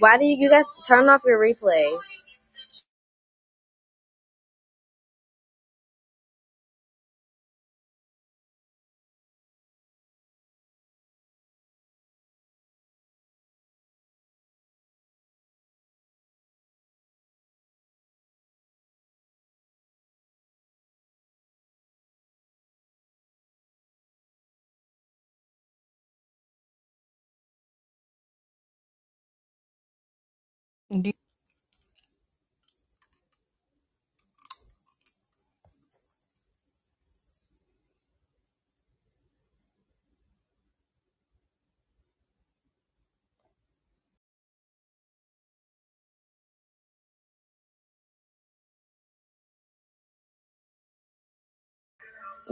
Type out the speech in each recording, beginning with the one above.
Why do you you guys turn off your replays? Do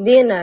Dina.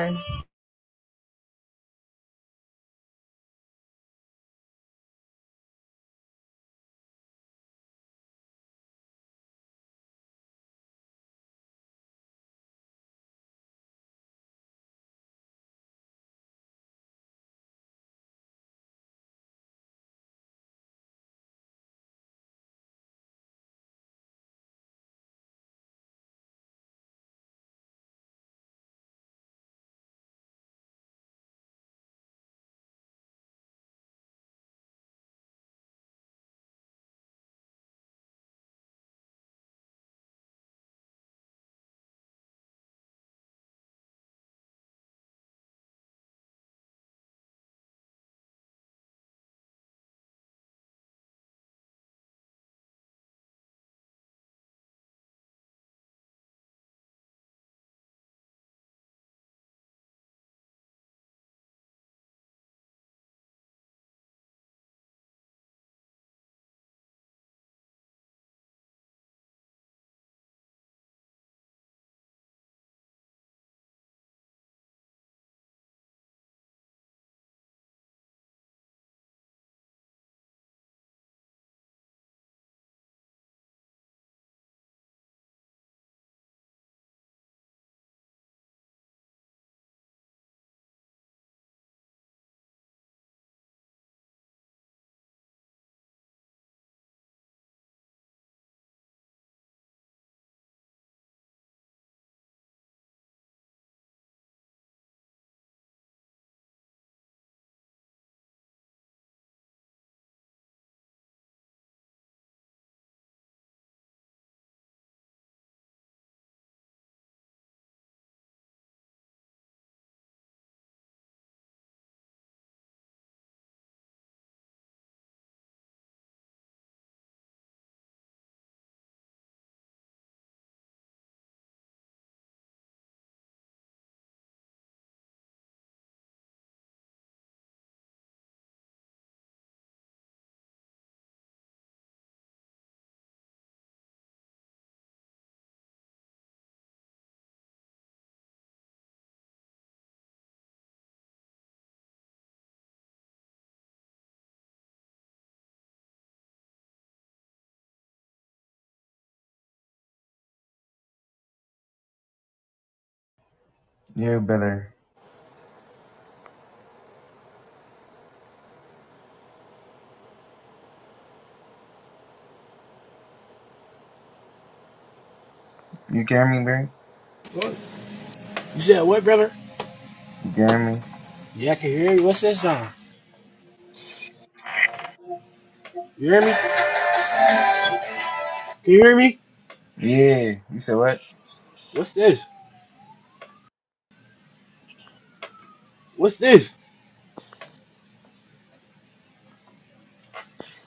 Yeah, brother. You get me, bro? What? You said what, brother? You get me? Yeah, I can hear you. What's this, John? You hear me? Can you hear me? Yeah. You said what? What's this? What's this?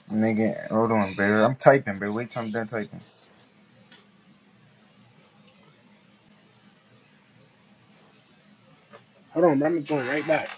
Nigga, hold on, bro. I'm typing, bro. Wait till I'm done typing. Hold on, bro. I'm gonna join right back.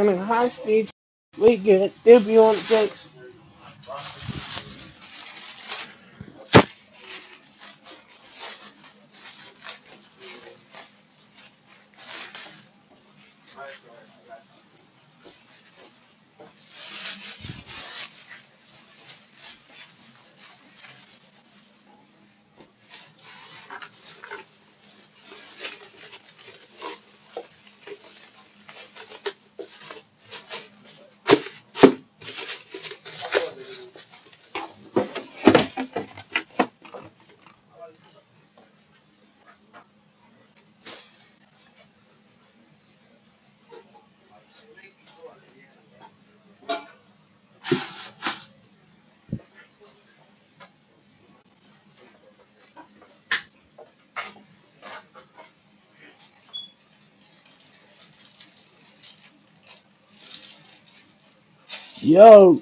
I'm in high speed. We good. They'll be on the text. Yo,